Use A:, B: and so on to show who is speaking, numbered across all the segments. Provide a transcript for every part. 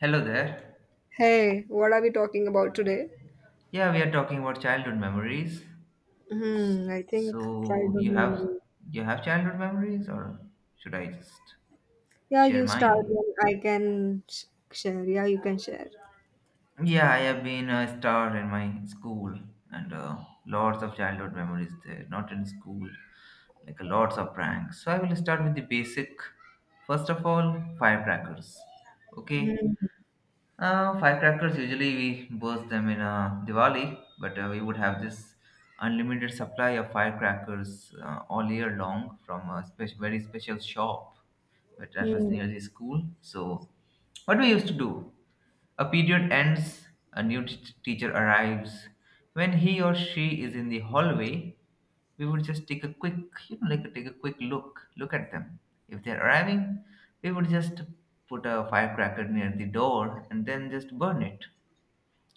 A: Hello there.
B: Hey, what are we talking about today?
A: Yeah, we are talking about childhood memories.
B: Hmm, I think
A: So
B: childhood memory.
A: you have childhood memories, or should I just
B: Yeah,
A: share
B: you start
A: mine?
B: and I can share. Yeah, you can share.
A: Yeah, I have been a star in my school, and lots of childhood memories there. Not in school, like a lots of pranks. So I will start with the basic. First of all, firecrackers. Okay.
B: Hmm.
A: Firecrackers usually we burst them in Diwali, but we would have this unlimited supply of firecrackers all year long from a very special shop, but that was
B: Hmm.
A: near the school. So, what we used to do? A period ends, a new teacher arrives. When he or she is in the hallway, we would just take a quick, like take a quick look at them. If they're arriving, we would just put a firecracker near the door and then just burn it.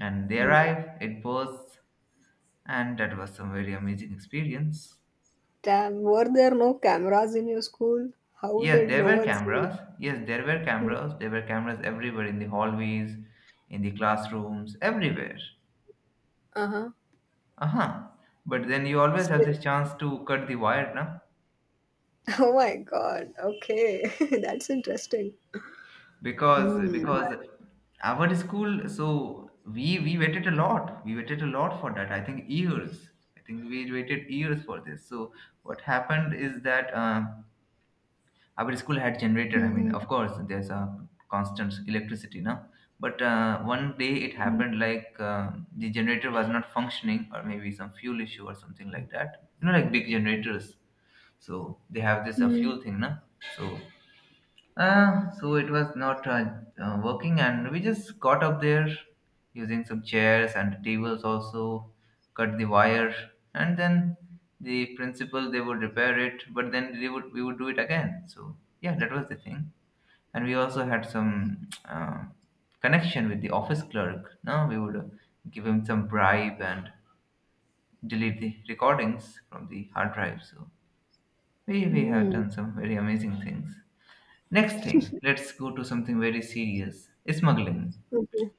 A: And they
B: Hmm.
A: arrive, it bursts, and that was some very amazing experience.
B: Damn, were there no cameras in your school? How
A: Yes,
B: did
A: there
B: no
A: were
B: one see you?
A: cameras. Yes, there were
B: Hmm.
A: cameras. There were cameras everywhere in the hallways, in the classrooms, everywhere.
B: Uh-huh.
A: Uh-huh. But then you always have
B: Still.
A: this chance to cut the wire, na?
B: Oh my God. Okay. That's interesting.
A: Because
B: Hmm.
A: because our school, so we waited a lot. We waited a lot for that. I think years. I think we waited years for this. So what happened is that. Our school had generator, I mean
B: Mm-hmm.
A: of course there's a constant electricity now, but one day it happened like the generator was not functioning, or maybe some fuel issue or something like that, you know, like big generators, so they have this a
B: Hmm.
A: fuel thing, na? So so it was not working, and we just got up there using some chairs and tables, also cut the wire, and then the principal they would repair it, but then they would we would do it again. So yeah, that was the thing, and we also had some connection with the office clerk. Now we would give him some bribe and delete the recordings from the hard drive. So we have
B: Hmm.
A: done some very amazing things. Next thing, let's go to something very serious. Smuggling.
B: Okay.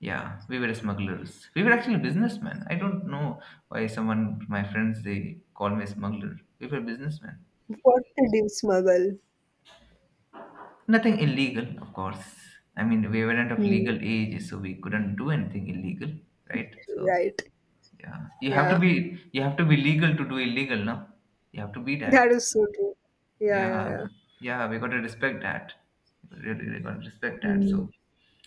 A: Yeah, we were smugglers. We were actually businessmen. I don't know why someone, my friends, they call me smuggler. We were businessmen.
B: What did you smuggle?
A: Nothing illegal, of course. I mean, we weren't of
B: Hmm.
A: legal age, so we couldn't do anything illegal, right? So
B: Right.
A: yeah,
B: Yeah.
A: you have to be legal to do illegal, no? You have to be
B: That
A: that.
B: is so true. Yeah, yeah,
A: Yeah,
B: yeah.
A: yeah, we got to respect that. Really, we got to respect that.
B: Mm.
A: So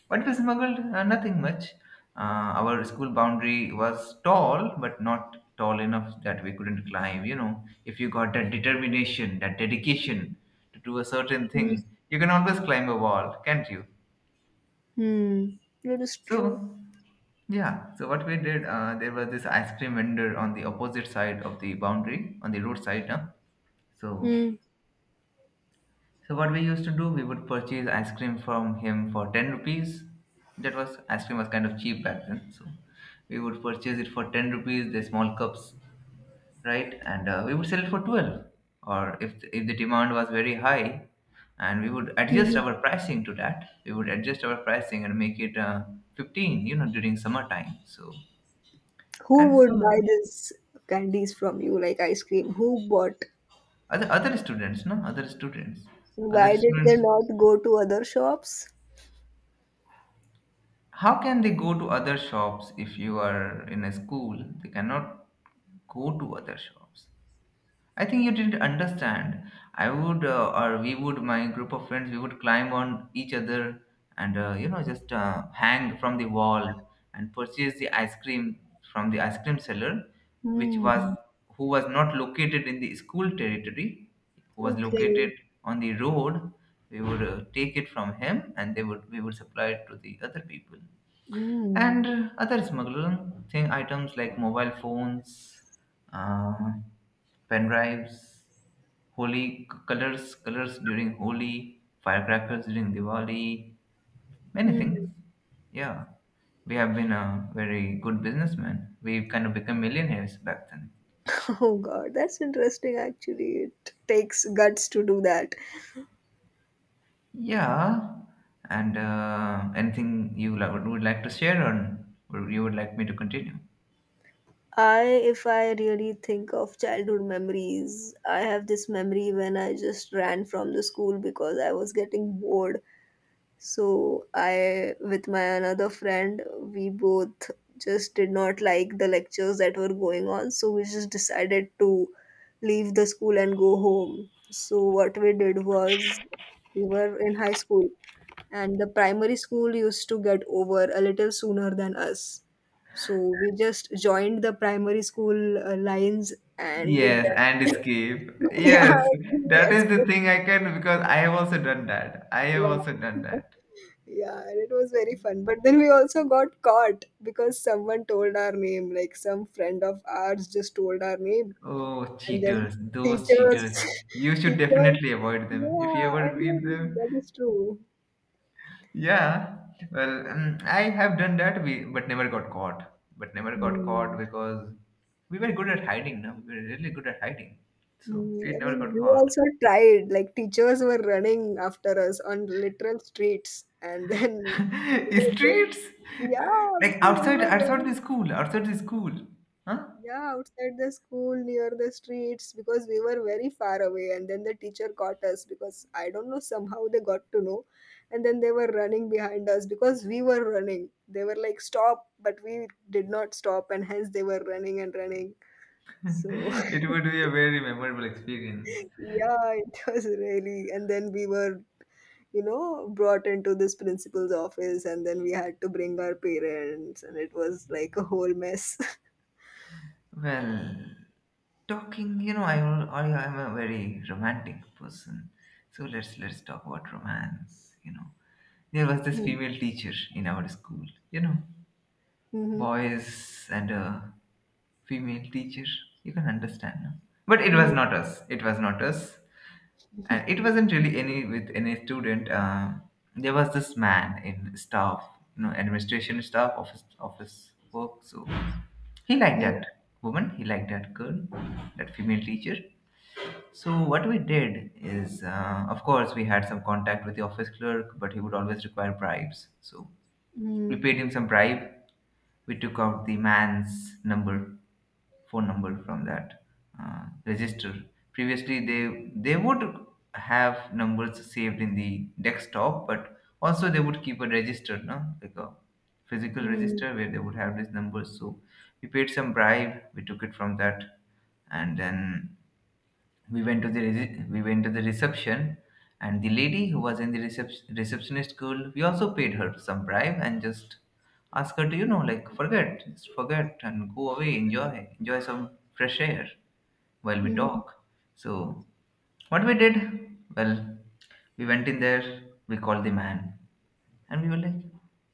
A: what we smuggled? Nothing much. Our school boundary was tall, but not tall enough that we couldn't climb. You know, if you got that determination, that dedication to do a certain
B: Mm.
A: thing, you can always climb a wall, can't you?
B: Mm. That is true.
A: So, yeah. So what we did, there was this ice cream vendor on the opposite side of the boundary, on the roadside. Huh? So
B: Mm.
A: So what we used to do, we would purchase ice cream from him for 10 rupees. That was ice cream was kind of cheap back then, so we would purchase it for 10 rupees, the small cups, right? And we would sell it for 12. Or if the demand was very high, and we would adjust
B: Hmm.
A: our pricing to that, we would adjust our pricing and make it 15, you know, during summertime. So
B: Who
A: and so
B: would buy
A: on.
B: this candies from you, like ice cream? Who bought?
A: Other students, no, other students, other
B: Why did they
A: students.
B: not go to other shops?
A: How can they go to other shops if you are in a school? They cannot go to other shops. I think you didn't understand. I would, or we would, my group of friends, we would climb on each other and, you know, just hang from the wall and purchase the ice cream from the ice cream seller, which was,
B: Mm.
A: who was not located in the school territory, who was
B: Okay.
A: located on the road. We would take it from him and we would supply it to the other people, and
B: Mm.
A: other smuggling thing items like mobile phones, uh, pen drives, holy colors, colors during Holi, firecrackers during Diwali, many
B: Mm.
A: things. Yeah, we have been a very good businessman. We kind of become millionaires back then.
B: Oh God, that's interesting actually. It takes guts to do that.
A: Yeah, and anything you would like to share, or you would like me to continue?
B: I, if I really think of childhood memories, I have this memory when I just ran from the school because I was getting bored. So, I, with my another friend, we both just did not like the lectures that were going on. So, we just decided to leave the school and go home. So, what we did was, we were in high school and the primary school used to get over a little sooner than us. So we just joined the primary school lines and with
A: Yes, and
B: them.
A: escape.
B: Yeah,
A: Yes,
B: then we
A: that is the
B: escaped.
A: thing I can, because I have also done that. I have
B: Wow.
A: also done that.
B: Yeah, and it was very fun. But then we also got caught because someone told our name, like some friend of ours just told our name.
A: Oh,
B: And then
A: cheaters, those
B: teachers,
A: cheaters. You should
B: teachers,
A: definitely avoid them. If you
B: yeah,
A: ever
B: and
A: meet
B: then
A: them,
B: that is true.
A: yeah. Well, I have done that, but never got caught. But never got caught
B: Hmm.
A: because we were good at hiding, no? We were really good at hiding. So we
B: Mm, I
A: never
B: mean,
A: got
B: we
A: caught.
B: also tried, like teachers were running after us on literal streets and then
A: Streets,
B: yeah,
A: like
B: because we
A: outside,
B: were running,
A: outside the school, huh?
B: yeah, outside the school near the streets because we were very far away and then the teacher caught us because I don't know somehow they got to know, and then they were running behind us because we were running. They were like stop, but we did not stop and hence they were running and running. So
A: It would be a very memorable experience.
B: yeah, it was really, and then we were, you know, brought into this principal's office and then we had to bring our parents and it was like a whole mess.
A: Well, talking, you know, I am a very romantic person, so let's talk about romance. You know, there was this
B: Hmm.
A: female teacher in our school. You know,
B: Mhm.
A: boys and a female teacher. You can understand, no? But it was not us. It was not us. And it wasn't really any with any student. There was this man in staff, you know, administration staff, office office work, so he liked
B: Mhm.
A: that woman, he liked that girl, that female teacher. So what we did is, of course we had some contact with the office clerk, but he would always require bribes, so we
B: Mhm.
A: paid him some bribe. We took out the man's number, phone number, from that register. Previously, they would have numbers saved in the desktop, but also they would keep a register, no, like a physical
B: Mhm.
A: register where they would have these numbers. So we paid some bribe. We took it from that, and then we went to the we went to the reception, and the lady who was in the receptionist school, we also paid her some bribe and just asked her to, you know, like forget, just forget and go away, enjoy, enjoy some fresh air while we
B: Mhm. Mhm.
A: talk. So what we did, well, we went in there, we called the man, and we were like,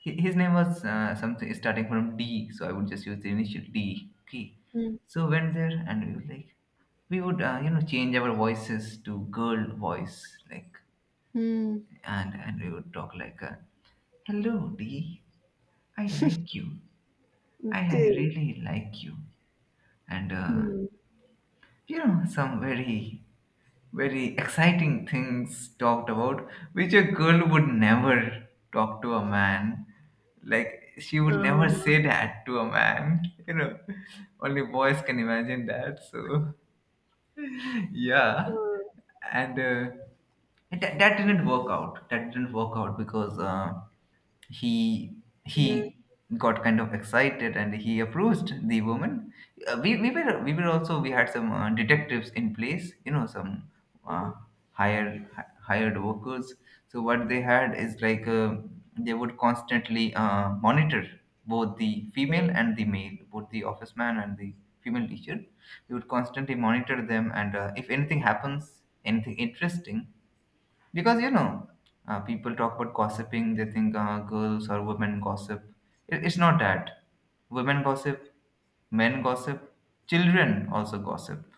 A: his name was something starting from D, so I would just use the initial D key.
B: Mhm.
A: So went there and we were like, we would you know change our voices to girl voice, like,
B: Mhm.
A: and we would talk like, "Hello D, I like you. I
B: Okay.
A: really like you." And
B: Hmm.
A: you know, some very very exciting things talked about, which a girl would never talk to a man. Like, she would never
B: Uh-huh.
A: say that to a man, you know. Only boys can imagine that. So, yeah.
B: Uh,
A: And that didn't work out. That didn't work out because. He
B: mhm.
A: he got kind of excited and he approached the woman. We were also we had some detectives in place, you know, some uh, hired workers. So what they had is like they would constantly monitor both the female and the male, both the office man and the female teacher. We would constantly monitor them, and if anything happens, anything interesting, because you know, people talk about gossiping. They think girls or women gossip. It's not that. Women gossip, men gossip, children also gossip.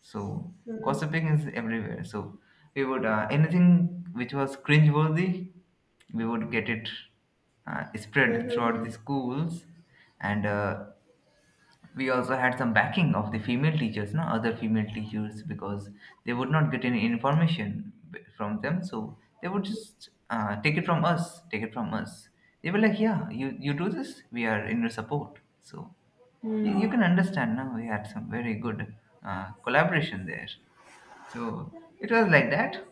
A: So
B: Mhm.
A: gossiping is everywhere. So we would, anything which was cringeworthy, we would get it spread throughout
B: Mhm.
A: the schools, and we also had some backing of the female teachers, no, other female teachers, because they would not get any information from them, so they would just take it from us. They were like, yeah, you do this, we are in your support. So you
B: Mhm.
A: can understand, now we had some very good collaboration there. So it was like that.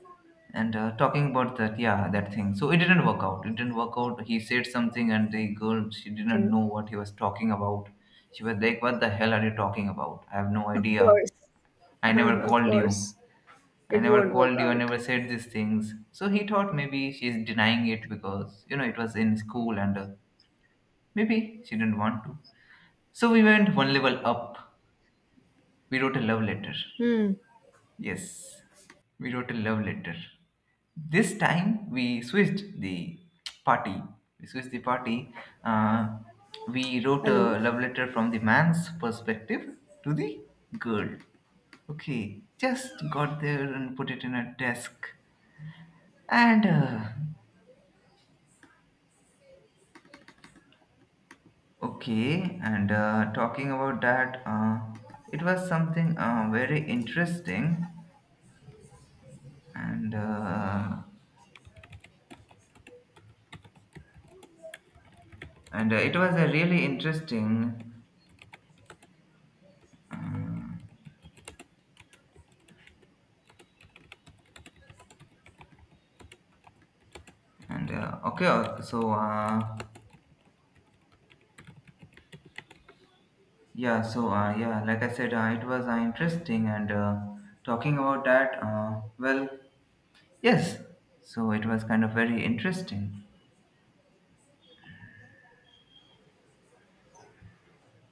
A: And talking about that, yeah, that thing. So it didn't work out. It didn't work out. He said something, and the girl, she didn't
B: Okay.
A: know what he was talking about. She was like, what the hell are you talking about? I have no
B: Of
A: idea.
B: course.
A: I never
B: Of
A: called you.
B: course
A: I
B: it
A: never
B: won't work
A: called you. I
B: out.
A: never said these things. So he thought maybe she's denying it because, you know, it was in school, and maybe she didn't want to. So we went one level up. We wrote a love letter.
B: Hmm.
A: Yes, we wrote a love letter. This time we switched the party. We switched the party. Uh, we wrote
B: Hello.
A: a love letter from the man's perspective to the girl. Okay, just got there and put it in a desk. And okay, and talking about that, it was something very interesting, and it was a really interesting. Uh, And okay, so yeah, so yeah, like I said, it was interesting, and talking about that. Well, yes, so it was kind of very interesting.